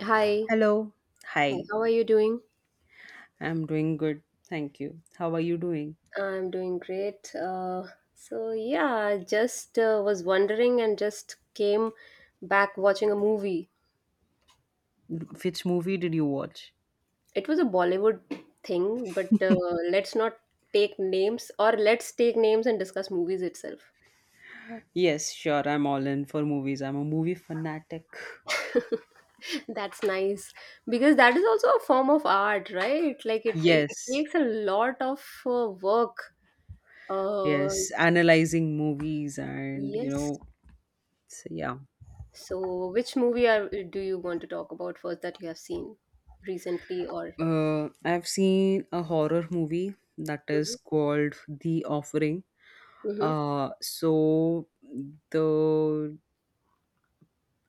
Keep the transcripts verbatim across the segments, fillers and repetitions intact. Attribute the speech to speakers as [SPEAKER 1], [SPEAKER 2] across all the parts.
[SPEAKER 1] Hi,
[SPEAKER 2] Hello.
[SPEAKER 1] hi.
[SPEAKER 2] Hi.
[SPEAKER 1] How are you doing?
[SPEAKER 2] I'm doing good. Thank you. How are you doing?
[SPEAKER 1] I'm doing great. Uh, so yeah, I just uh, was wondering and just came back watching a movie.
[SPEAKER 2] Which movie did you watch?
[SPEAKER 1] It was a Bollywood thing, but uh, let's not take names or let's take names and discuss movies itself.
[SPEAKER 2] Yes, sure. I'm all in for movies. I'm a movie fanatic.
[SPEAKER 1] That's nice because that is also a form of art, right? Like it, ta- it
[SPEAKER 2] Yes.
[SPEAKER 1] takes a lot of uh, work. Uh,
[SPEAKER 2] Yes. Analyzing movies and, you
[SPEAKER 1] yes,
[SPEAKER 2] know, so yeah.
[SPEAKER 1] so, which movie are, do you want to talk about first that you have seen recently or?
[SPEAKER 2] Uh, I've seen a horror movie that is
[SPEAKER 1] Mhm.
[SPEAKER 2] called The Offering.
[SPEAKER 1] Mhm.
[SPEAKER 2] Uh, so the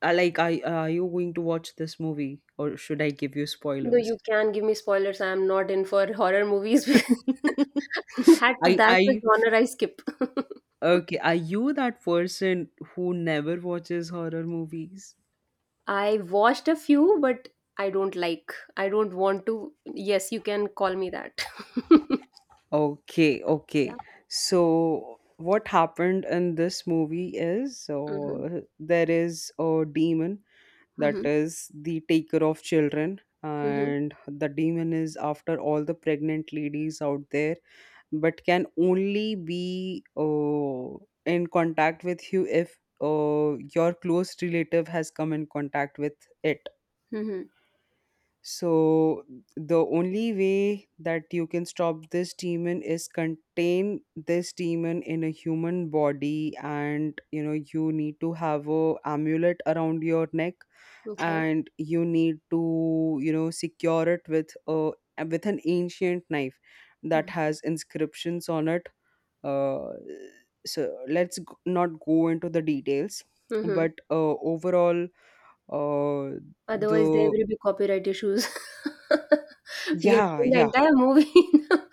[SPEAKER 2] I like I uh, are you going to watch this movie or should I give you
[SPEAKER 1] No,
[SPEAKER 2] spoilers?
[SPEAKER 1] you can give me spoilers. I am not in for horror movies. That's
[SPEAKER 2] I
[SPEAKER 1] that's the
[SPEAKER 2] I
[SPEAKER 1] genre I skip.
[SPEAKER 2] Okay, are you that person who never watches horror movies?
[SPEAKER 1] I watched a few, but I don't like. I don't want to. Yes, you can call me that.
[SPEAKER 2] Okay, okay.
[SPEAKER 1] Yeah.
[SPEAKER 2] So what happened in this movie is,
[SPEAKER 1] Mm-hmm.
[SPEAKER 2] uh, there is a demon that
[SPEAKER 1] Mm-hmm.
[SPEAKER 2] is the taker of children,
[SPEAKER 1] Mm-hmm.
[SPEAKER 2] and the demon is after all the pregnant ladies out there, but can only be, uh, in contact with you if, uh, your close relative has come in contact with it.
[SPEAKER 1] Mm-hmm.
[SPEAKER 2] So the only way that you can stop this demon is contain this demon in a human body, and you know you need to have a amulet around your neck,
[SPEAKER 1] Okay.
[SPEAKER 2] and you need to you know secure it with a with an ancient knife that has inscriptions on it. Uh, so let's g- not go into the details,
[SPEAKER 1] Mm-hmm.
[SPEAKER 2] but uh, overall, uh,
[SPEAKER 1] Otherwise, there
[SPEAKER 2] the
[SPEAKER 1] will be copyright issues. We are
[SPEAKER 2] yeah,
[SPEAKER 1] doing the
[SPEAKER 2] yeah.
[SPEAKER 1] entire movie in a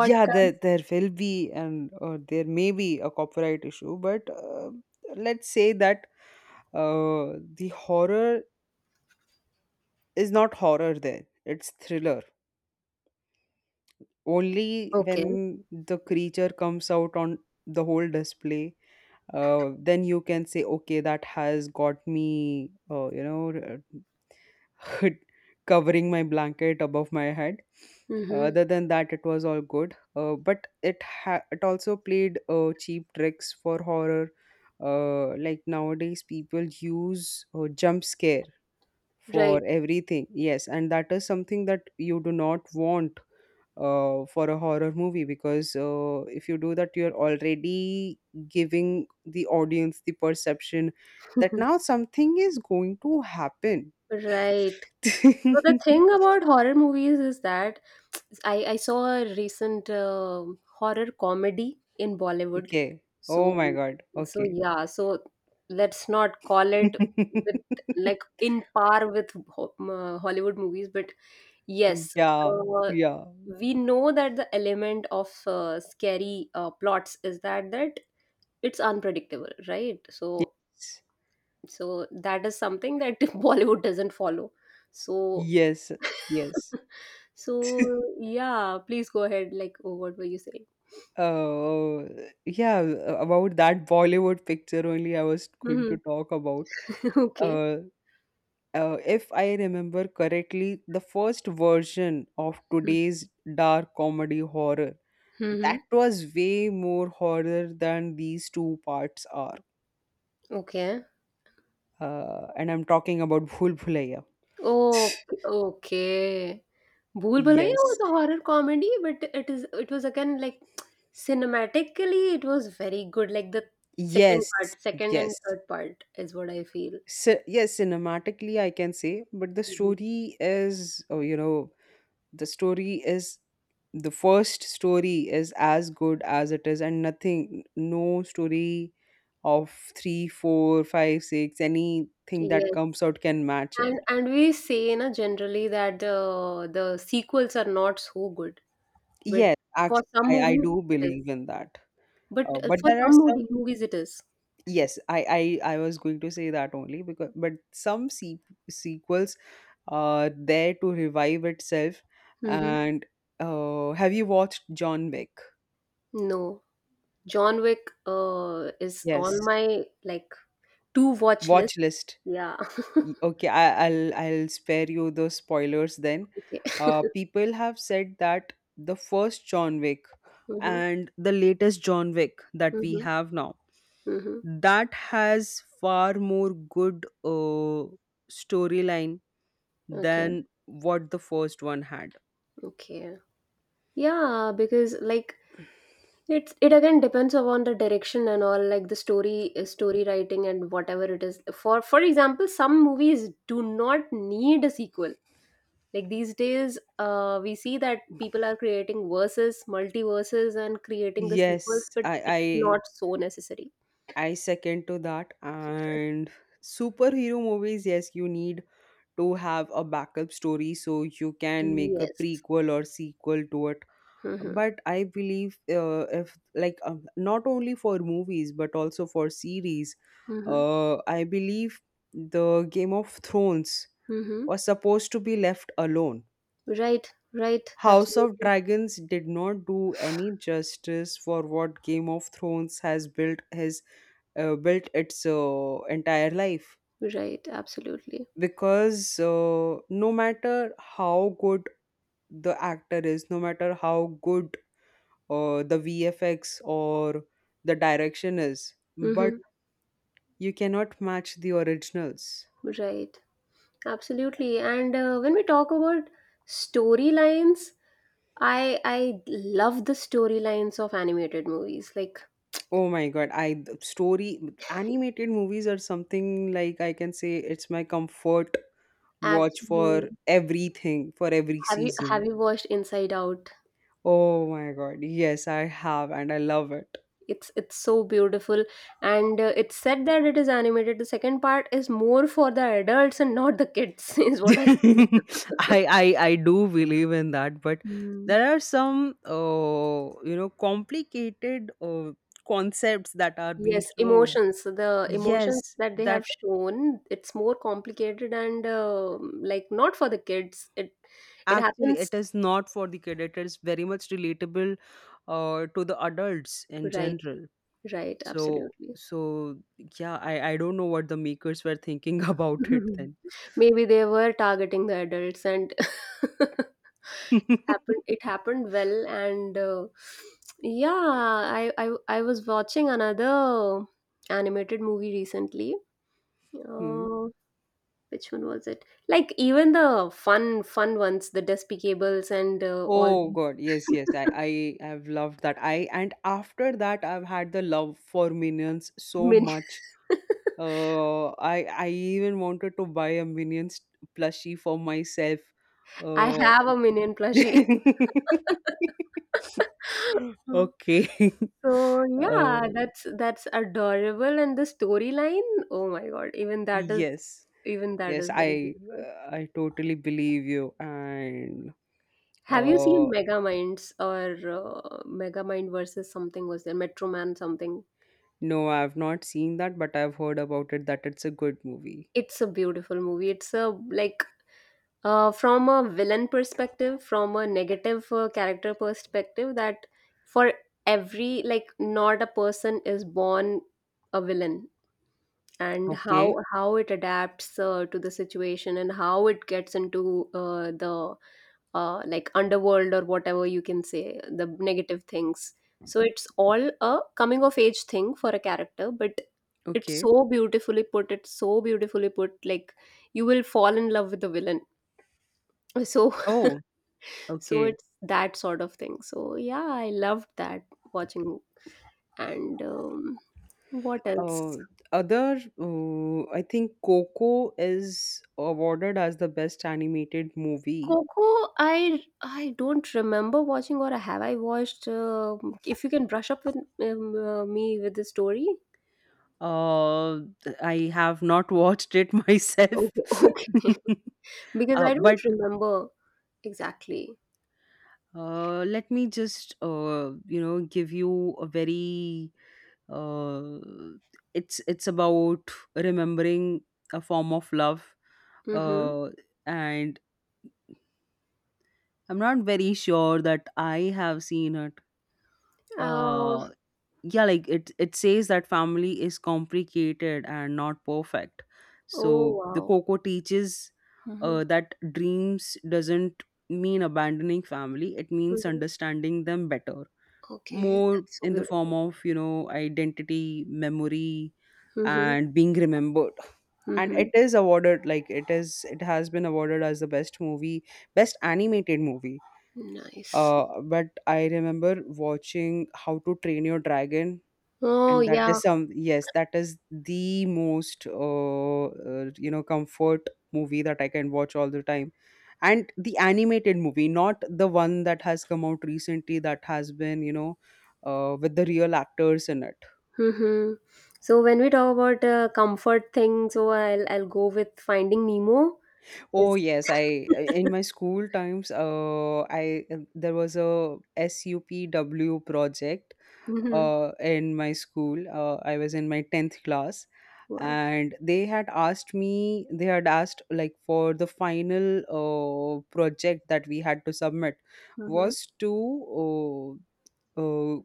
[SPEAKER 2] Yeah, there there will be, and uh, there may be a copyright issue, but uh, let's say that uh, the horror is not horror there. It's thriller. Only
[SPEAKER 1] Okay.
[SPEAKER 2] when the creature comes out on the whole display, uh, then you can say, okay, that has got me, uh, you know, covering my blanket above my head.
[SPEAKER 1] Mm-hmm.
[SPEAKER 2] Other than that, it was all good. Uh, but it ha- it also played uh, cheap tricks for horror. Uh, like nowadays, people use uh, jump scare for
[SPEAKER 1] Right.
[SPEAKER 2] everything. Yes, and that is something that you do not want uh, for a horror movie, because uh, if you do that, you're already giving the audience the perception that now something is going to happen.
[SPEAKER 1] Right. So the thing about horror movies is that I, I saw a recent uh, horror comedy in Bollywood.
[SPEAKER 2] Okay. Oh
[SPEAKER 1] So
[SPEAKER 2] my God.
[SPEAKER 1] so
[SPEAKER 2] Okay.
[SPEAKER 1] yeah, so let's not call it with like in par with ho- m- uh, Hollywood movies, but yes,
[SPEAKER 2] Yeah.
[SPEAKER 1] uh,
[SPEAKER 2] Yeah.
[SPEAKER 1] we know that the element of uh, scary uh, plots is that that it's unpredictable, right? So
[SPEAKER 2] Yes.
[SPEAKER 1] so that is something that Bollywood doesn't follow, so
[SPEAKER 2] Yes. Yes.
[SPEAKER 1] so yeah, please go ahead, like, oh, what were you saying?
[SPEAKER 2] Oh, yeah. About that Bollywood picture only I was going to
[SPEAKER 1] Mm-hmm.
[SPEAKER 2] talk about.
[SPEAKER 1] Okay.
[SPEAKER 2] Uh, uh, if I remember correctly, the first version of today's dark comedy horror,
[SPEAKER 1] Mm-hmm.
[SPEAKER 2] that was way more horror than these two parts are.
[SPEAKER 1] Okay.
[SPEAKER 2] Uh, and I'm talking about Bhul Bhulaiya.
[SPEAKER 1] Oh, okay. Bhool Bhulaiyaa
[SPEAKER 2] Yes.
[SPEAKER 1] was a horror comedy, but it is it was again like cinematically it was very good. Like the second
[SPEAKER 2] Yes,
[SPEAKER 1] part, second and
[SPEAKER 2] yes.
[SPEAKER 1] third part is what I feel.
[SPEAKER 2] So, yes, cinematically, I can say, but the
[SPEAKER 1] Mhm.
[SPEAKER 2] story is, oh, you know, the story is the first story is as good as it is, and nothing, no story of three, four, five, six, anything that
[SPEAKER 1] Yes,
[SPEAKER 2] comes out can match it.
[SPEAKER 1] and and we say na generally that uh, the sequels are not so good, but
[SPEAKER 2] Yes, actually,
[SPEAKER 1] for some
[SPEAKER 2] I, I
[SPEAKER 1] movies
[SPEAKER 2] do
[SPEAKER 1] it is.
[SPEAKER 2] believe in that.
[SPEAKER 1] But
[SPEAKER 2] Uh,
[SPEAKER 1] uh,
[SPEAKER 2] but
[SPEAKER 1] for
[SPEAKER 2] there are
[SPEAKER 1] some movie,
[SPEAKER 2] some,
[SPEAKER 1] movies it is.
[SPEAKER 2] yes, I, I, I was going to say that only because, but some se sequels uh, there to revive itself.
[SPEAKER 1] Mm-hmm.
[SPEAKER 2] And uh, have you watched John Wick?
[SPEAKER 1] No, John Wick uh, is
[SPEAKER 2] Yes,
[SPEAKER 1] on my like to watch list.
[SPEAKER 2] watch list.
[SPEAKER 1] Yeah.
[SPEAKER 2] Y- Okay, I, I'll I'll spare you the spoilers then.
[SPEAKER 1] Okay.
[SPEAKER 2] Uh, people have said that the first John Wick
[SPEAKER 1] Mm-hmm.
[SPEAKER 2] and the latest John Wick that we have now,
[SPEAKER 1] Mm-hmm.
[SPEAKER 2] that has far more good uh, storyline
[SPEAKER 1] Okay.
[SPEAKER 2] than what the first one had.
[SPEAKER 1] Okay. Yeah, because like it's it again depends upon the direction and all like the story uh, story writing and whatever it is. For for example, some movies do not need a sequel. Like these days, uh, we see that people are creating verses, multiverses, and creating the sequels,
[SPEAKER 2] Yes,
[SPEAKER 1] but it's
[SPEAKER 2] I
[SPEAKER 1] not so necessary.
[SPEAKER 2] I second to that. And superhero movies, yes, you need to have a backup story so you can make a
[SPEAKER 1] Yes.
[SPEAKER 2] prequel or sequel to it.
[SPEAKER 1] Mm-hmm.
[SPEAKER 2] But I believe, uh, if like, um, not only for movies but also for series,
[SPEAKER 1] Mm-hmm.
[SPEAKER 2] uh, I believe the Game of Thrones
[SPEAKER 1] Mm-hmm.
[SPEAKER 2] was supposed to be left alone.
[SPEAKER 1] Right. Right.
[SPEAKER 2] House of
[SPEAKER 1] Absolutely.
[SPEAKER 2] Dragons did not do any justice for what Game of Thrones has built his uh, built its uh, entire life,
[SPEAKER 1] Right. Absolutely.
[SPEAKER 2] because uh, no matter how good the actor is, no matter how good uh, the V F X or the direction is, but
[SPEAKER 1] Mm-hmm.
[SPEAKER 2] you cannot match the originals.
[SPEAKER 1] Right. Absolutely. And uh, when we talk about storylines, I I love the storylines of animated movies. Like
[SPEAKER 2] Oh my God, I the story animated movies are something like I can say, it's my comfort watch for
[SPEAKER 1] absolutely.
[SPEAKER 2] everything, for every
[SPEAKER 1] Have you
[SPEAKER 2] season.
[SPEAKER 1] have you watched Inside Out?
[SPEAKER 2] Oh my God, yes, I have, and I love it.
[SPEAKER 1] It's it's so beautiful, and uh, it's said that it is animated. The second part is more for the adults and not the kids, is what I feel.
[SPEAKER 2] I, I I do believe in that, but
[SPEAKER 1] Mm.
[SPEAKER 2] there are some uh, you know complicated uh, concepts that are being
[SPEAKER 1] Yes,
[SPEAKER 2] shown.
[SPEAKER 1] emotions. The emotions
[SPEAKER 2] Yes,
[SPEAKER 1] that they
[SPEAKER 2] that
[SPEAKER 1] have shown, it's more complicated and uh, like not for the kids. It it
[SPEAKER 2] actually
[SPEAKER 1] happens.
[SPEAKER 2] it is not for the kid. It is very much relatable uh, to the adults in
[SPEAKER 1] Right,
[SPEAKER 2] general.
[SPEAKER 1] right,
[SPEAKER 2] So
[SPEAKER 1] absolutely.
[SPEAKER 2] so yeah, I I don't know what the makers were thinking about it then.
[SPEAKER 1] Maybe they were targeting the adults and it happened it happened well, and uh, yeah, I, I I was watching another animated movie recently.
[SPEAKER 2] Hmm.
[SPEAKER 1] Uh, which one was it? Like even the fun fun ones, the Despicable and uh, all
[SPEAKER 2] Oh
[SPEAKER 1] these
[SPEAKER 2] God, yes, yes. I, I have loved that. I and after that, I've had the love for Minions so
[SPEAKER 1] Min
[SPEAKER 2] much. Uh, I I even wanted to buy a Minions plushie for myself.
[SPEAKER 1] I
[SPEAKER 2] Uh,
[SPEAKER 1] have a Minion plushie.
[SPEAKER 2] okay.
[SPEAKER 1] So
[SPEAKER 2] Uh,
[SPEAKER 1] yeah, that's that's adorable, and the storyline, oh my God, even that is
[SPEAKER 2] yes,
[SPEAKER 1] even that
[SPEAKER 2] yes.
[SPEAKER 1] is very
[SPEAKER 2] I
[SPEAKER 1] beautiful.
[SPEAKER 2] I totally believe you. And
[SPEAKER 1] Have you
[SPEAKER 2] uh,
[SPEAKER 1] seen Megaminds or uh, Megamind versus something, was there Metroman something?
[SPEAKER 2] no, I've not seen that, but I've heard about it that it's a good movie.
[SPEAKER 1] It's a beautiful movie. It's a like uh, from a villain perspective, from a negative uh, character perspective that for every like not a person is born a villain, and how
[SPEAKER 2] Okay.
[SPEAKER 1] how it adapts uh, to the situation and how it gets into uh, the uh, like underworld or whatever you can say, the negative things, so it's all a coming of age thing for a character but it's
[SPEAKER 2] Okay.
[SPEAKER 1] so beautifully put it's so beautifully put, like you will fall in love with the villain, so
[SPEAKER 2] Oh,
[SPEAKER 1] so
[SPEAKER 2] okay.
[SPEAKER 1] it's that sort of thing. So yeah, I loved that watching, and um, what else?
[SPEAKER 2] Uh, other, uh, I think Coco is awarded as the best animated movie.
[SPEAKER 1] Coco, I I don't remember watching, or have I watched? Um, if you can brush up with um, uh, me with the story,
[SPEAKER 2] Uh, I have not watched it myself.
[SPEAKER 1] okay, okay, because
[SPEAKER 2] uh,
[SPEAKER 1] I
[SPEAKER 2] but
[SPEAKER 1] don't remember exactly.
[SPEAKER 2] uh, let me just uh, you know give you a very uh, it's it's about remembering a form of love.
[SPEAKER 1] Mm-hmm.
[SPEAKER 2] Uh, and I'm not very sure that I have seen it.
[SPEAKER 1] Oh,
[SPEAKER 2] Uh yeah, like it it says that family is complicated and not perfect.
[SPEAKER 1] oh
[SPEAKER 2] So the
[SPEAKER 1] wow.
[SPEAKER 2] Coco teaches,
[SPEAKER 1] Mm-hmm.
[SPEAKER 2] uh, that dreams doesn't mean abandoning family, it means
[SPEAKER 1] Mm-hmm.
[SPEAKER 2] understanding them better.
[SPEAKER 1] Okay,
[SPEAKER 2] More
[SPEAKER 1] that's so
[SPEAKER 2] in the form
[SPEAKER 1] beautiful.
[SPEAKER 2] of, you know identity, memory,
[SPEAKER 1] Mm-hmm.
[SPEAKER 2] and being remembered. And it
[SPEAKER 1] Mm-hmm.
[SPEAKER 2] is awarded, like, it is it has been awarded as the best movie, best animated movie.
[SPEAKER 1] Nice.
[SPEAKER 2] Uh but I remember watching How to Train Your Dragon.
[SPEAKER 1] Oh
[SPEAKER 2] And that
[SPEAKER 1] yeah,
[SPEAKER 2] is some yes, that is the most uh, uh, you know comfort movie that I can watch all the time. And the animated movie, not the one that has come out recently, that has been you know uh, with the real actors in it.
[SPEAKER 1] mm-hmm. So when we talk about uh, comfort thing, so I'll I'll go with Finding Nemo.
[SPEAKER 2] Oh,
[SPEAKER 1] Is
[SPEAKER 2] yes. i in my school times, uh, I uh, there was a S U P W project,
[SPEAKER 1] mm-hmm.
[SPEAKER 2] uh, in my school, uh, i was in my tenth class.
[SPEAKER 1] Wow.
[SPEAKER 2] And they had asked me they had asked, like, for the final uh, project that we had to submit,
[SPEAKER 1] Hmm.
[SPEAKER 2] was to uh, uh,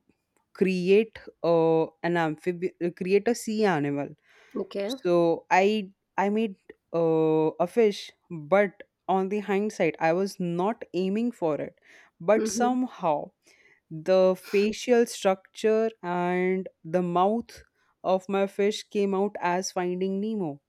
[SPEAKER 2] create uh, an amphibian create a sea animal.
[SPEAKER 1] Okay.
[SPEAKER 2] So i i made, uh, a fish, but on the hindsight I was not aiming for it, but
[SPEAKER 1] Mm-hmm.
[SPEAKER 2] somehow the facial structure and the mouth of my fish came out as Finding Nemo.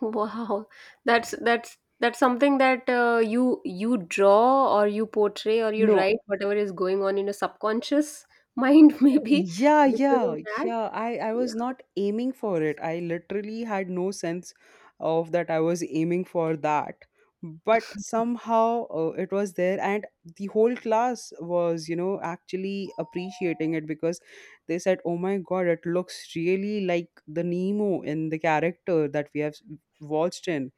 [SPEAKER 1] Wow. That's that's that's something that uh, you you draw or you portray or you
[SPEAKER 2] No.
[SPEAKER 1] write whatever is going on in your subconscious mind, maybe
[SPEAKER 2] Yeah,
[SPEAKER 1] because
[SPEAKER 2] yeah,
[SPEAKER 1] of that.
[SPEAKER 2] yeah. I I was
[SPEAKER 1] Yeah.
[SPEAKER 2] not aiming for it. I literally had no sense of that I was aiming for that. But somehow uh, it was there, and the whole class was, you know, actually appreciating it, because they said, "Oh my God, it looks really like the Nemo in the character that we have watched in."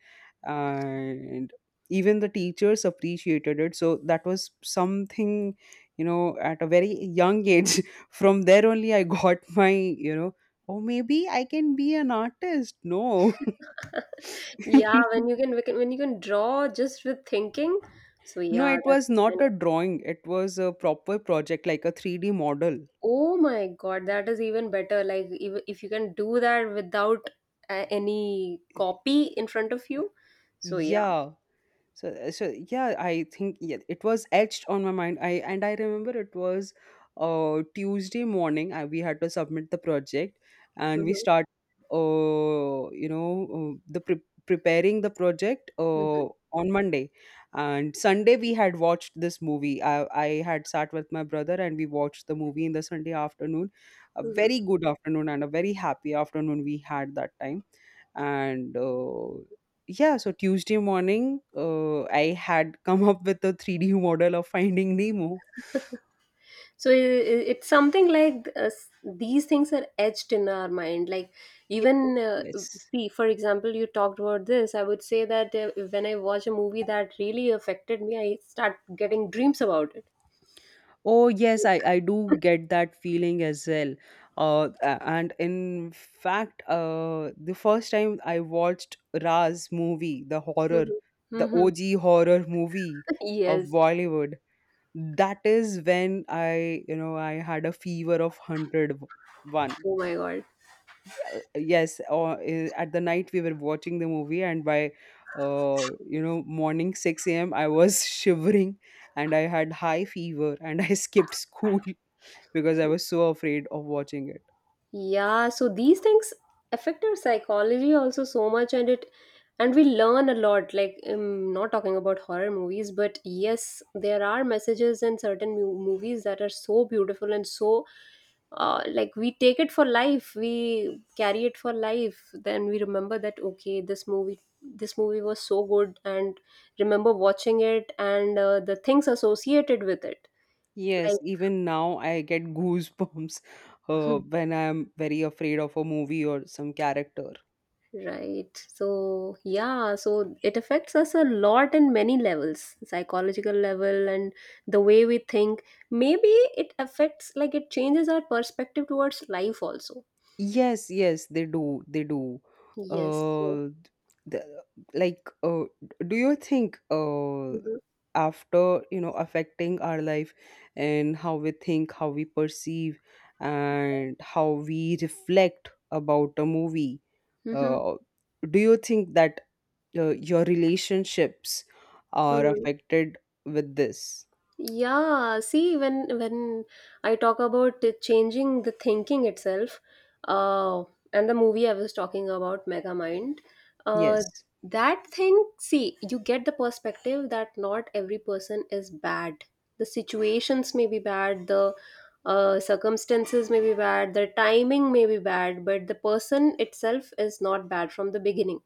[SPEAKER 2] And even the teachers appreciated it, so that was something, you know at a very young age, from there only I got, my, you know oh, maybe I can be an artist. No.
[SPEAKER 1] Yeah. When you can when you can draw just with thinking. So
[SPEAKER 2] No,
[SPEAKER 1] yeah,
[SPEAKER 2] it
[SPEAKER 1] that's
[SPEAKER 2] was
[SPEAKER 1] kind
[SPEAKER 2] not a
[SPEAKER 1] of—
[SPEAKER 2] drawing, it was a proper project, like a three D model.
[SPEAKER 1] oh my God, that is even better. Like, if, if you can do that without uh, any copy in front of you. So, yeah.
[SPEAKER 2] Yeah, so, uh, so yeah I think, yeah, it was etched on my mind. i and I remember, it was uh Tuesday morning, I, we had to submit the project, and we
[SPEAKER 1] Mhm,
[SPEAKER 2] started uh you know uh, the pre- preparing the project, uh
[SPEAKER 1] mhm,
[SPEAKER 2] on Monday. And Sunday, we had watched this movie. I i had sat with my brother, and we watched the movie in the Sunday afternoon. A
[SPEAKER 1] mhm.
[SPEAKER 2] very good afternoon and a very happy afternoon we had that time. And uh, yeah, so Tuesday morning, uh, I had come up with a three D model of Finding Nemo.
[SPEAKER 1] So, i i- it's something like uh, s- these things are etched in our mind. Like,
[SPEAKER 2] Ye-
[SPEAKER 1] even uh,
[SPEAKER 2] yes.
[SPEAKER 1] see, for example, you talked about this. I would say that uh, when I watch a movie that really affected me, I start getting dreams about it.
[SPEAKER 2] Oh yes, i i do get that feeling as well. Uh a- and in fact, uh the first time I watched Raz movie, the horror,
[SPEAKER 1] Mhm,
[SPEAKER 2] the
[SPEAKER 1] mhm.
[SPEAKER 2] O G horror movie of
[SPEAKER 1] Yes.
[SPEAKER 2] Bollywood, that is when I you know I had a fever of one hundred one.
[SPEAKER 1] Oh my God.
[SPEAKER 2] Uh, yes, or uh, at the night we were watching the movie, and by uh you know morning six a m a.m I was shivering, and I had high fever, and I skipped school because I was so afraid of watching it.
[SPEAKER 1] Yeah, so these things affect our psychology also so much, and it and we learn a lot, like I'm not talking about horror movies, but yes, there are messages in certain mu- movies that are so beautiful and so uh, like we take it for life, we carry it for life, then we remember that okay, this movie this movie was so good, and remember watching it and uh, the things associated with it like
[SPEAKER 2] Yes, even now I get goosebumps uh, when I'm very afraid of a movie or some character.
[SPEAKER 1] Right. So, yeah, so it affects us a lot in many levels, psychological level and the way we think. Maybe it affects, like, it changes our perspective towards life also.
[SPEAKER 2] Yes, yes, they do. They do.
[SPEAKER 1] Yes. So,
[SPEAKER 2] Uh, the, like, uh, do you think, uh,
[SPEAKER 1] mm-hmm.
[SPEAKER 2] after, you know, affecting our life and how we think, how we perceive, and how we reflect about a movie,
[SPEAKER 1] Mm-hmm.
[SPEAKER 2] uh, do you think that uh, your relationships are
[SPEAKER 1] Mm-hmm.
[SPEAKER 2] affected with this?
[SPEAKER 1] Yeah, see, when when I talk about it changing the thinking itself, uh, and the movie I was talking about, Megamind, uh,
[SPEAKER 2] Yes.
[SPEAKER 1] that thing, see, you get the perspective that not every person is bad. The situations may be bad, the uh, circumstances may be bad, the timing may be bad, but the person itself is not bad from the beginning.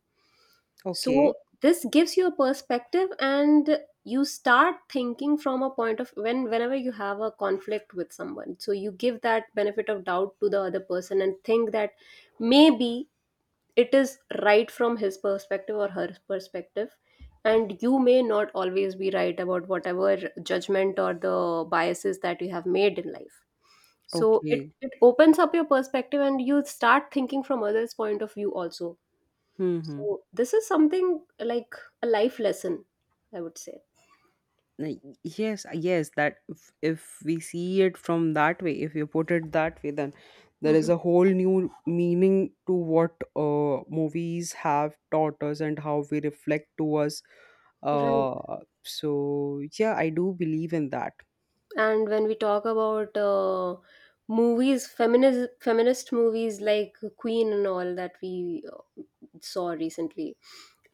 [SPEAKER 2] Okay.
[SPEAKER 1] So this gives you a perspective and you start thinking from a point of when whenever you have a conflict with someone. So you give that benefit of doubt to the other person and think that maybe it is right from his perspective or her perspective. And you may not always be right about whatever judgment or the biases that you have made in life. So
[SPEAKER 2] Okay.
[SPEAKER 1] it, it opens up your perspective and you start thinking from others' point of view also,
[SPEAKER 2] Hmm.
[SPEAKER 1] so this is something like a life lesson, I would say.
[SPEAKER 2] Like, yes, uh, yes, that if, if we see it from that way, if you put it that way, then there is
[SPEAKER 1] Hmm.
[SPEAKER 2] a whole new meaning to what uh, movies have taught us and how we reflect to us.
[SPEAKER 1] Right.
[SPEAKER 2] uh, so yeah, I do believe in that.
[SPEAKER 1] And when we talk about uh, movies, feminist feminist movies like Queen and all that we uh, saw recently,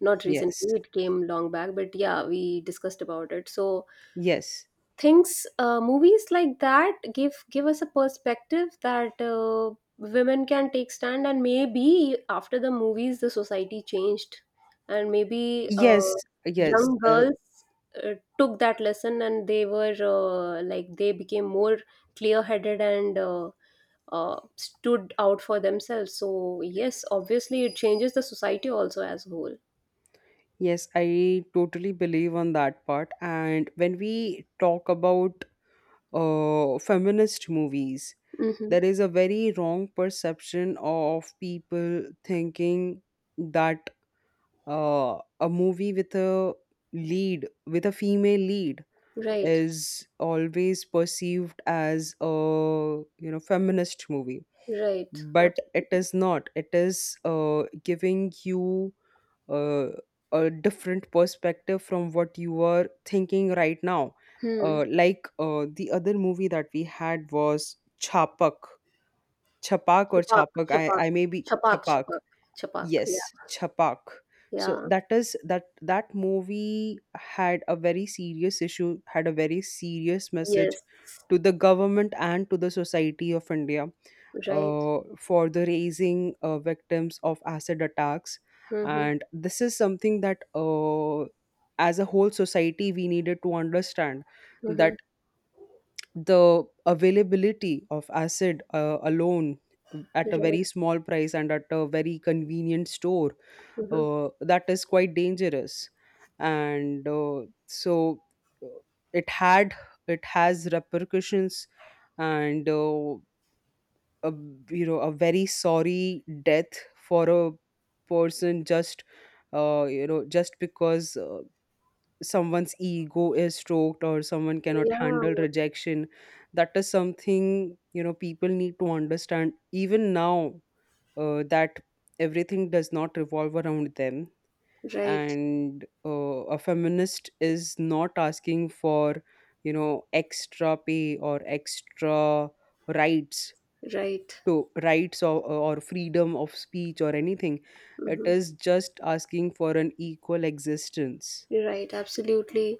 [SPEAKER 1] not
[SPEAKER 2] Yes,
[SPEAKER 1] recently, it came long back, but yeah, we discussed about it. So
[SPEAKER 2] yes,
[SPEAKER 1] things uh, movies like that give give us a perspective that uh, women can take stand, and maybe after the movies the society changed and maybe uh,
[SPEAKER 2] yes, yes,
[SPEAKER 1] young
[SPEAKER 2] uh,
[SPEAKER 1] girls uh, took that lesson and they were uh, like they became more clear headed and uh, uh, stood out for themselves, so yes, obviously it changes the society also as a whole.
[SPEAKER 2] yes, I totally believe on that part. And when we talk about uh, feminist movies,
[SPEAKER 1] Hmm.
[SPEAKER 2] there is a very wrong perception of people thinking that uh, a movie with a lead with a female lead
[SPEAKER 1] Right,
[SPEAKER 2] is always perceived as a, you know feminist movie.
[SPEAKER 1] right,
[SPEAKER 2] But it
[SPEAKER 1] absolutely.
[SPEAKER 2] is not, it is uh, giving you uh, a different perspective from what you are thinking right now.
[SPEAKER 1] Hmm.
[SPEAKER 2] Uh, like, uh, the other movie that we had was Chapak. Chapak or
[SPEAKER 1] Chapak,
[SPEAKER 2] Chapak. I
[SPEAKER 1] chapak,
[SPEAKER 2] I may be
[SPEAKER 1] chapak,
[SPEAKER 2] Chapak.
[SPEAKER 1] chapak, chapak. Yeah,
[SPEAKER 2] Yes, Chapak. So
[SPEAKER 1] yeah.
[SPEAKER 2] that is that that movie had a very serious issue, had a very serious message
[SPEAKER 1] Yes.
[SPEAKER 2] to the government and to the society of India,
[SPEAKER 1] Right.
[SPEAKER 2] uh, for the raising uh, victims of acid attacks.
[SPEAKER 1] Mhm.
[SPEAKER 2] And this is something that, uh, as a whole society, we needed to understand that
[SPEAKER 1] Mhm.
[SPEAKER 2] the availability of acid uh, alone, uh, at a
[SPEAKER 1] Right.
[SPEAKER 2] very small price and at a very convenient store,
[SPEAKER 1] Mhm.
[SPEAKER 2] uh, that is quite dangerous. And uh, so, uh, it had it has repercussions, and uh, a, you know a very sorry death for a person, just uh, you know just because, uh, someone's ego is stroked or someone cannot
[SPEAKER 1] Yeah.
[SPEAKER 2] handle rejection. That is something, you know people need to understand, even now, uh, that everything does not revolve around them.
[SPEAKER 1] Right.
[SPEAKER 2] And uh, a feminist is not asking for, you know extra pay or extra rights
[SPEAKER 1] Right.
[SPEAKER 2] to rights, or, or freedom of speech or anything. It
[SPEAKER 1] Mhm.
[SPEAKER 2] is just asking for an equal existence.
[SPEAKER 1] Right. Absolutely.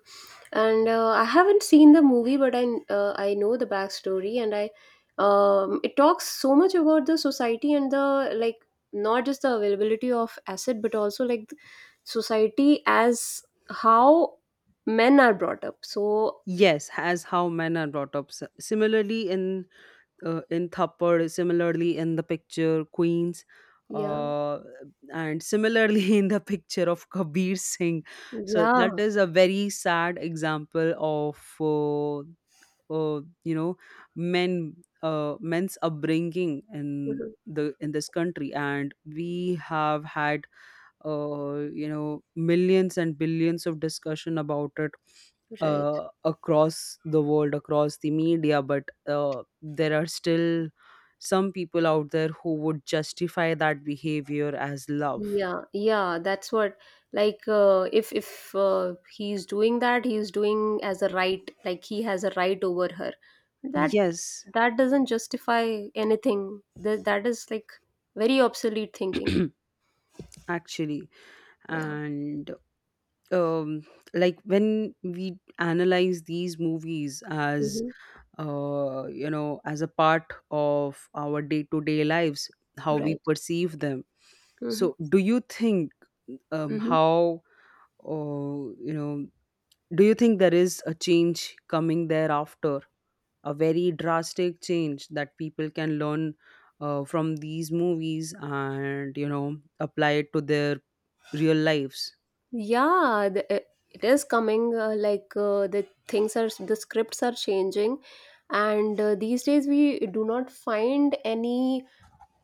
[SPEAKER 1] And uh, I haven't seen the movie, but I uh, I know the backstory, and I um, it talks so much about the society and the like not just the availability of asset, but also like the society as how men are brought up. So
[SPEAKER 2] Yes, as how men are brought up. S- Similarly, in, uh, in Thappad, similarly in the picture Queens,
[SPEAKER 1] yeah.
[SPEAKER 2] uh, and similarly in the picture of Kabir Singh. So that
[SPEAKER 1] Yeah,
[SPEAKER 2] is a very sad example of, uh, uh, you know men, uh, men's upbringing in
[SPEAKER 1] mhm,
[SPEAKER 2] the in this country. And we have had, uh, you know millions and billions of discussion about it,
[SPEAKER 1] right.
[SPEAKER 2] uh, across the world, across the media, but uh, there are still some people out there who would justify that behavior as love.
[SPEAKER 1] Yeah, yeah, that's what like uh, if if uh, he's doing that, he's doing as a right, like he has a right over her. That
[SPEAKER 2] Yes.
[SPEAKER 1] that doesn't justify anything. That that is like very obsolete thinking.
[SPEAKER 2] Actually,
[SPEAKER 1] Yeah.
[SPEAKER 2] and um like, when we analyze these movies as,
[SPEAKER 1] Mm-hmm.
[SPEAKER 2] uh, you know as a part of our day to day lives, how we
[SPEAKER 1] Right.
[SPEAKER 2] perceive them.
[SPEAKER 1] Mm-hmm.
[SPEAKER 2] So do you think um,
[SPEAKER 1] Mm-hmm.
[SPEAKER 2] how uh, you know do you think there is a change coming thereafter, a very drastic change that people can learn, uh, from these movies, and, you know apply it to their real lives?
[SPEAKER 1] Yeah, the, it it is coming uh, like uh, the things are the scripts are changing and uh, these days we do not find any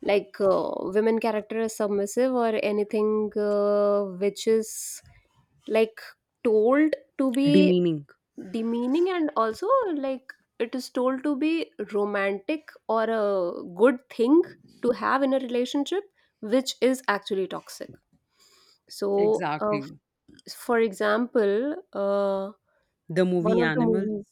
[SPEAKER 1] like uh, women character is submissive or anything uh, which is like told to be
[SPEAKER 2] Demeaning.
[SPEAKER 1] demeaning, and also like it is told to be romantic or a good thing to have in a relationship which is actually toxic, so uh, f-
[SPEAKER 2] Exactly.
[SPEAKER 1] for example uh,
[SPEAKER 2] The movie
[SPEAKER 1] one of the
[SPEAKER 2] Animal.
[SPEAKER 1] movies—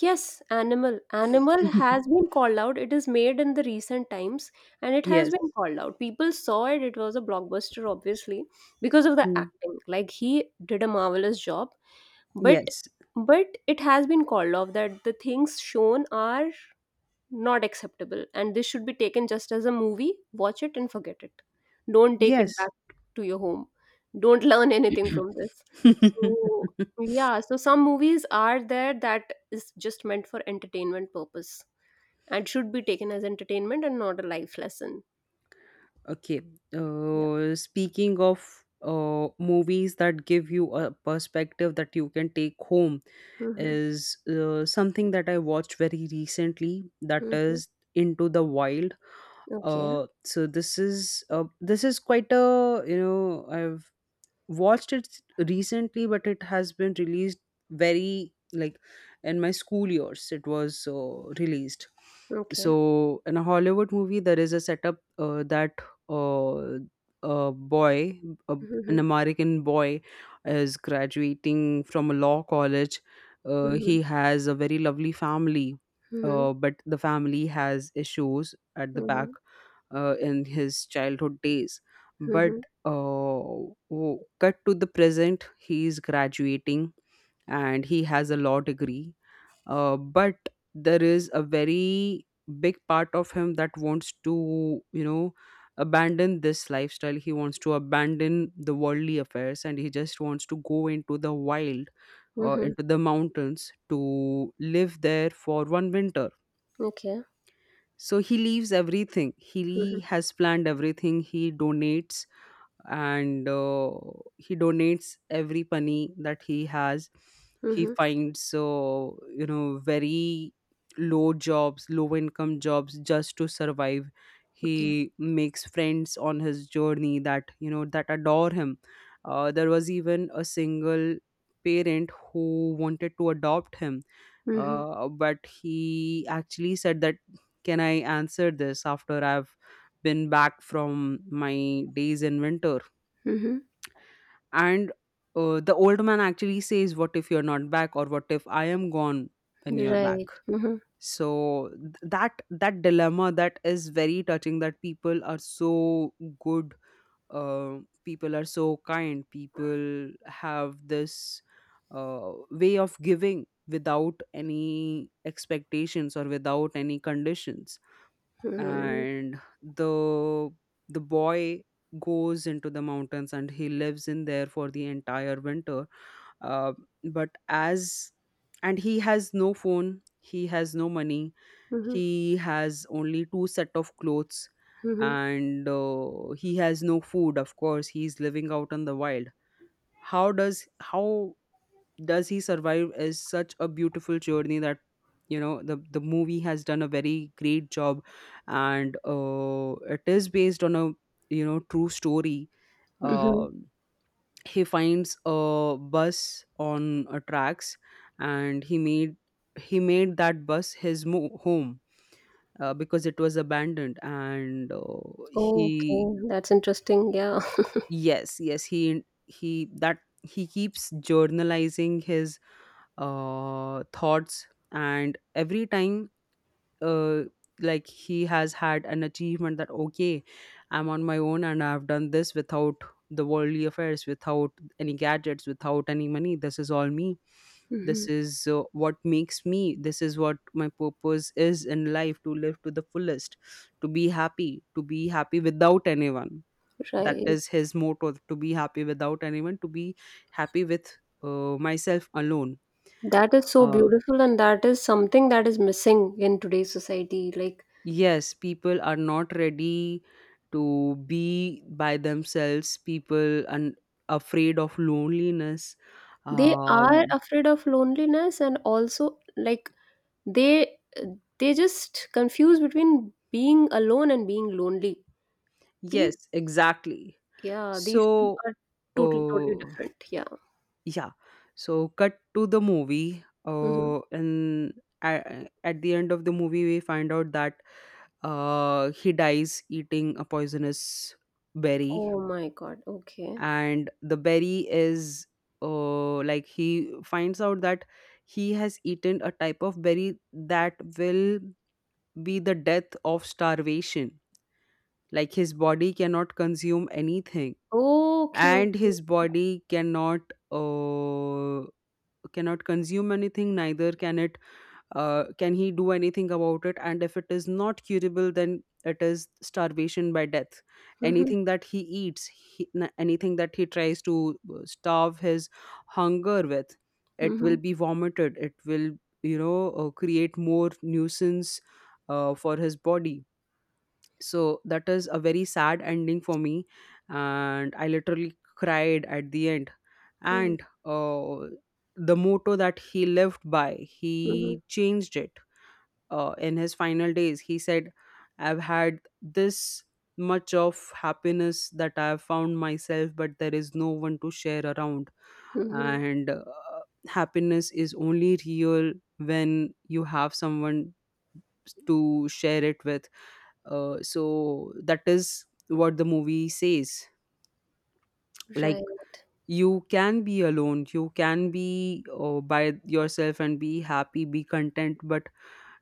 [SPEAKER 1] yes, animal. Animal has been called out. It is made in the recent times and it has
[SPEAKER 2] Yes.
[SPEAKER 1] been called out. People saw it. It was a blockbuster, obviously, because of the
[SPEAKER 2] Mm.
[SPEAKER 1] acting. Like he did a marvelous job. But
[SPEAKER 2] Yes,
[SPEAKER 1] but it has been called off that the things shown are not acceptable. And this should be taken just as a movie, watch it and forget it. Don't take it
[SPEAKER 2] yes.
[SPEAKER 1] back to your home. Don't learn anything from this. So, yeah, so some movies are there that is just meant for entertainment purpose and should be taken as entertainment and not a life lesson.
[SPEAKER 2] Okay.
[SPEAKER 1] Yeah.
[SPEAKER 2] Uh, speaking of uh, movies that give you a perspective that you can take home
[SPEAKER 1] Mm-hmm.
[SPEAKER 2] is uh, something that I watched very recently. That
[SPEAKER 1] Mm-hmm.
[SPEAKER 2] is Into the Wild.
[SPEAKER 1] Okay.
[SPEAKER 2] Uh, so this is, uh, this is quite a, you know I've watched it recently, but it has been released very, like, in my school years. It was uh, released.
[SPEAKER 1] Okay.
[SPEAKER 2] So in a Hollywood movie, there is a setup, uh, that, uh, a boy, a, an
[SPEAKER 1] Mm-hmm.
[SPEAKER 2] American boy, is graduating from a law college. Uh,
[SPEAKER 1] Mm-hmm.
[SPEAKER 2] he has a very lovely family,
[SPEAKER 1] Mm-hmm.
[SPEAKER 2] uh, but the family has issues at the back,
[SPEAKER 1] Mm-hmm.
[SPEAKER 2] uh, in his childhood days. But
[SPEAKER 1] Mm-hmm.
[SPEAKER 2] uh, w- cut to the present, he is graduating and he has a law degree, uh, but there is a very big part of him that wants to, you know abandon this lifestyle. He wants to abandon the worldly affairs and he just wants to go into the wild, uh,
[SPEAKER 1] Mm-hmm.
[SPEAKER 2] into the mountains, to live there for one winter.
[SPEAKER 1] Okay.
[SPEAKER 2] So he leaves everything,
[SPEAKER 1] Mm-hmm.
[SPEAKER 2] he has planned everything, he donates, and uh, he donates every penny that he has. He
[SPEAKER 1] Mm-hmm.
[SPEAKER 2] finds, so, you know very low jobs low income jobs, just to survive.
[SPEAKER 1] Okay.
[SPEAKER 2] He makes friends on his journey that you know that adore him. Uh, there was even a single parent who wanted to adopt him,
[SPEAKER 1] Mm-hmm.
[SPEAKER 2] uh, but he actually said that, can I answer this after I've been back from my days in winter?
[SPEAKER 1] Mm-hmm.
[SPEAKER 2] And uh, the old man actually says, "What if you're not back? Or what if I am gone when you're back?"
[SPEAKER 1] Right. Mm-hmm.
[SPEAKER 2] So th- that that dilemma, that is very touching, that people are so good, uh, people are so kind, people have this uh, way of giving without any expectations or without any conditions.
[SPEAKER 1] Mm-hmm.
[SPEAKER 2] And the the boy goes into the mountains and he lives in there for the entire winter. Uh, but as And he has no phone, he has no money,
[SPEAKER 1] Mhm,
[SPEAKER 2] he has only two set of clothes,
[SPEAKER 1] mhm,
[SPEAKER 2] and uh, he has no food, of course, he's living out in the wild. How does how does he survive, is such a beautiful journey that, you know the the movie has done a very great job. And uh, it is based on a, you know true story.
[SPEAKER 1] mhm.
[SPEAKER 2] Um he finds a bus on, uh, tracks, and he made he made that bus his mo- home, uh, because it was abandoned, and uh, he—
[SPEAKER 1] Okay, that's interesting. Yeah.
[SPEAKER 2] Yes, yes. He he that he keeps journalizing his uh, thoughts, and every time, uh, like, he has had an achievement that, okay, I'm on my own and I've done this without the worldly affairs, without any gadgets, without any money. This is all me. This
[SPEAKER 1] Mhm.
[SPEAKER 2] is uh, what makes me this is what my purpose is in life, to live to the fullest, to be happy, to be happy without anyone. That
[SPEAKER 1] Right.
[SPEAKER 2] is his motto, to be happy without anyone, to be happy with, uh, myself alone.
[SPEAKER 1] That is so
[SPEAKER 2] Uh,
[SPEAKER 1] beautiful, and that is something that is missing in today's society. Like,
[SPEAKER 2] yes, people are not ready to be by themselves, people and afraid of loneliness.
[SPEAKER 1] they are
[SPEAKER 2] um
[SPEAKER 1] afraid of loneliness, and also, like, they they just confuse between being alone and being lonely. These,
[SPEAKER 2] yes, exactly.
[SPEAKER 1] yeah, these two
[SPEAKER 2] So,
[SPEAKER 1] are totally, totally
[SPEAKER 2] uh
[SPEAKER 1] different. Yeah.
[SPEAKER 2] yeah, so cut to the movie,
[SPEAKER 1] Hmm.
[SPEAKER 2] uh and, a- at the end of the movie, we find out that, uh he dies eating a poisonous berry.
[SPEAKER 1] Oh my God. Okay.
[SPEAKER 2] And the berry is, uh, like, he finds out that he has eaten a type of berry that will be the death of starvation, like his body cannot consume anything.
[SPEAKER 1] Okay.
[SPEAKER 2] And
[SPEAKER 1] Okay.
[SPEAKER 2] his body cannot uh, cannot consume anything, neither can it uh, can he do anything about it. And if it is not curable, then it is starvation by death.
[SPEAKER 1] Mm-hmm.
[SPEAKER 2] Anything that he eats he, n- anything that he tries to, uh, starve his hunger with, it will
[SPEAKER 1] Mm-hmm.
[SPEAKER 2] be vomited, it will, you know uh, create more nuisance, uh, for his body. So that is a very sad ending for me, and I literally cried at the end.
[SPEAKER 1] Mm-hmm.
[SPEAKER 2] And uh, the motto that he lived by,
[SPEAKER 1] Mm-hmm.
[SPEAKER 2] he changed it, uh, in his final days. He said, I've had this much of happiness that I've found myself, but there is no one to share around.
[SPEAKER 1] Mm-hmm.
[SPEAKER 2] And uh, happiness is only real when you have someone to share it with. Uh, so that is what the movie says. Like,
[SPEAKER 1] Right.
[SPEAKER 2] you can be alone, you can be, uh, by yourself, and be happy, be content, but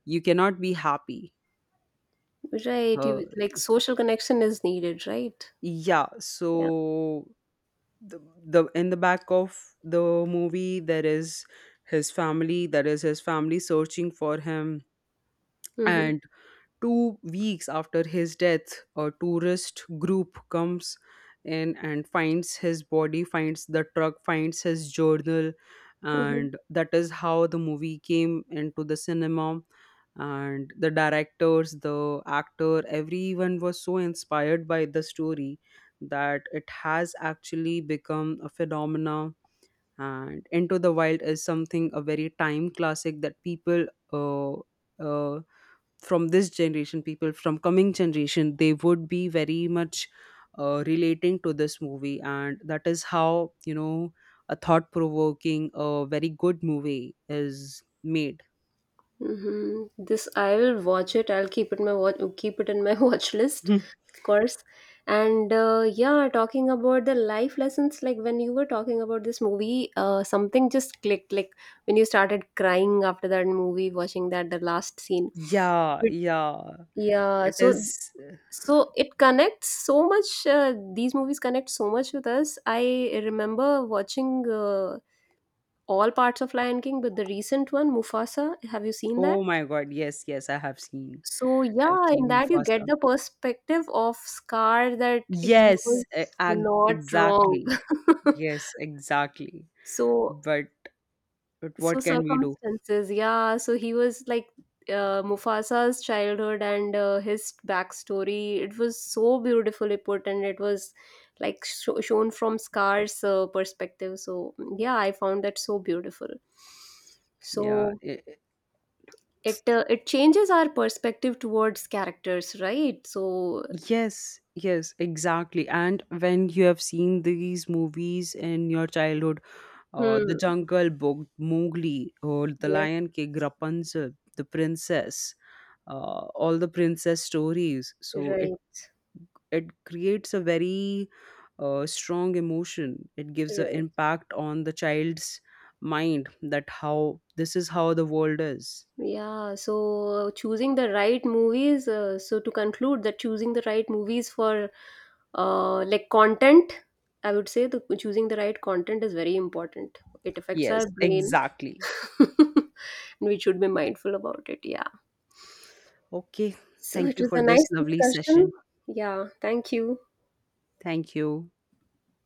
[SPEAKER 2] you cannot be happy.
[SPEAKER 1] Right.
[SPEAKER 2] Uh,
[SPEAKER 1] You like social connection is needed, right?
[SPEAKER 2] Yeah,
[SPEAKER 1] Yeah.
[SPEAKER 2] so the, the in the back of the movie, there is his family, there is his family searching for him.
[SPEAKER 1] Mm-hmm.
[SPEAKER 2] And Two weeks after his death, a tourist group comes in and finds his body, finds the truck, finds his journal,
[SPEAKER 1] Mm-hmm.
[SPEAKER 2] and that is how the movie came into the cinema. And the directors, the actor, everyone was so inspired by the story that it has actually become a phenomena. And Into the Wild is something, a very time classic, that people, uh, uh, from this generation, people from coming generation, they would be very much, uh, relating to this movie. And that is how, you know a thought provoking, a very good movie is made.
[SPEAKER 1] Mm-hmm. This I will watch it. I'll keep it my watch, keep it in my watch list, of course. And uh, yeah, talking about the life lessons, like when you were talking about this movie, uh, something just clicked. Like when you started crying after that movie, watching that the last scene.
[SPEAKER 2] Yeah,
[SPEAKER 1] But
[SPEAKER 2] yeah,
[SPEAKER 1] yeah,
[SPEAKER 2] it
[SPEAKER 1] so
[SPEAKER 2] is.
[SPEAKER 1] so it connects so much. Uh, these movies connect so much with us. I remember watching uh, all parts of Lion King, but the recent one, Mufasa. Have you seen that?
[SPEAKER 2] Oh my god, yes, yes, i have seen
[SPEAKER 1] So
[SPEAKER 2] I've
[SPEAKER 1] yeah, in
[SPEAKER 2] seen
[SPEAKER 1] that you get
[SPEAKER 2] Mufasa.
[SPEAKER 1] the perspective of Scar that he
[SPEAKER 2] Yes,
[SPEAKER 1] was
[SPEAKER 2] e- ag-
[SPEAKER 1] not wrong.
[SPEAKER 2] exactly. Yes, exactly.
[SPEAKER 1] So
[SPEAKER 2] But but
[SPEAKER 1] so
[SPEAKER 2] what can we do?
[SPEAKER 1] circumstances, yeah, so he was like uh, Mufasa's childhood and uh, his backstory, it was so beautifully put, and it was like sho shown from Scar's uh, perspective, so yeah, I found that so beautiful,
[SPEAKER 2] Yeah.
[SPEAKER 1] so
[SPEAKER 2] i-
[SPEAKER 1] it uh, it changes our perspective towards characters, right? So
[SPEAKER 2] Yes, yes, exactly. And when you have seen these movies in your childhood, uh, The
[SPEAKER 1] hmm,
[SPEAKER 2] Jungle Book, Mowgli, or The
[SPEAKER 1] yes,
[SPEAKER 2] Lion King, Rapunzel, The Princess, uh, all the princess stories, so it
[SPEAKER 1] right,
[SPEAKER 2] it creates a very, uh, strong emotion. It gives an
[SPEAKER 1] right.
[SPEAKER 2] impact on the child's mind, that how this is, how the world is.
[SPEAKER 1] Yeah, so choosing the right movies. Uh, so to conclude, that choosing the right movies for uh, like content, I would say the choosing the right content is very important. It affects
[SPEAKER 2] Yes,
[SPEAKER 1] our brain,
[SPEAKER 2] exactly.
[SPEAKER 1] and we should be mindful about it. Yeah.
[SPEAKER 2] Okay,
[SPEAKER 1] So
[SPEAKER 2] thank
[SPEAKER 1] it
[SPEAKER 2] you
[SPEAKER 1] was
[SPEAKER 2] for
[SPEAKER 1] a
[SPEAKER 2] this
[SPEAKER 1] nice
[SPEAKER 2] lovely session.
[SPEAKER 1] discussion. Yeah, thank you.
[SPEAKER 2] Thank you.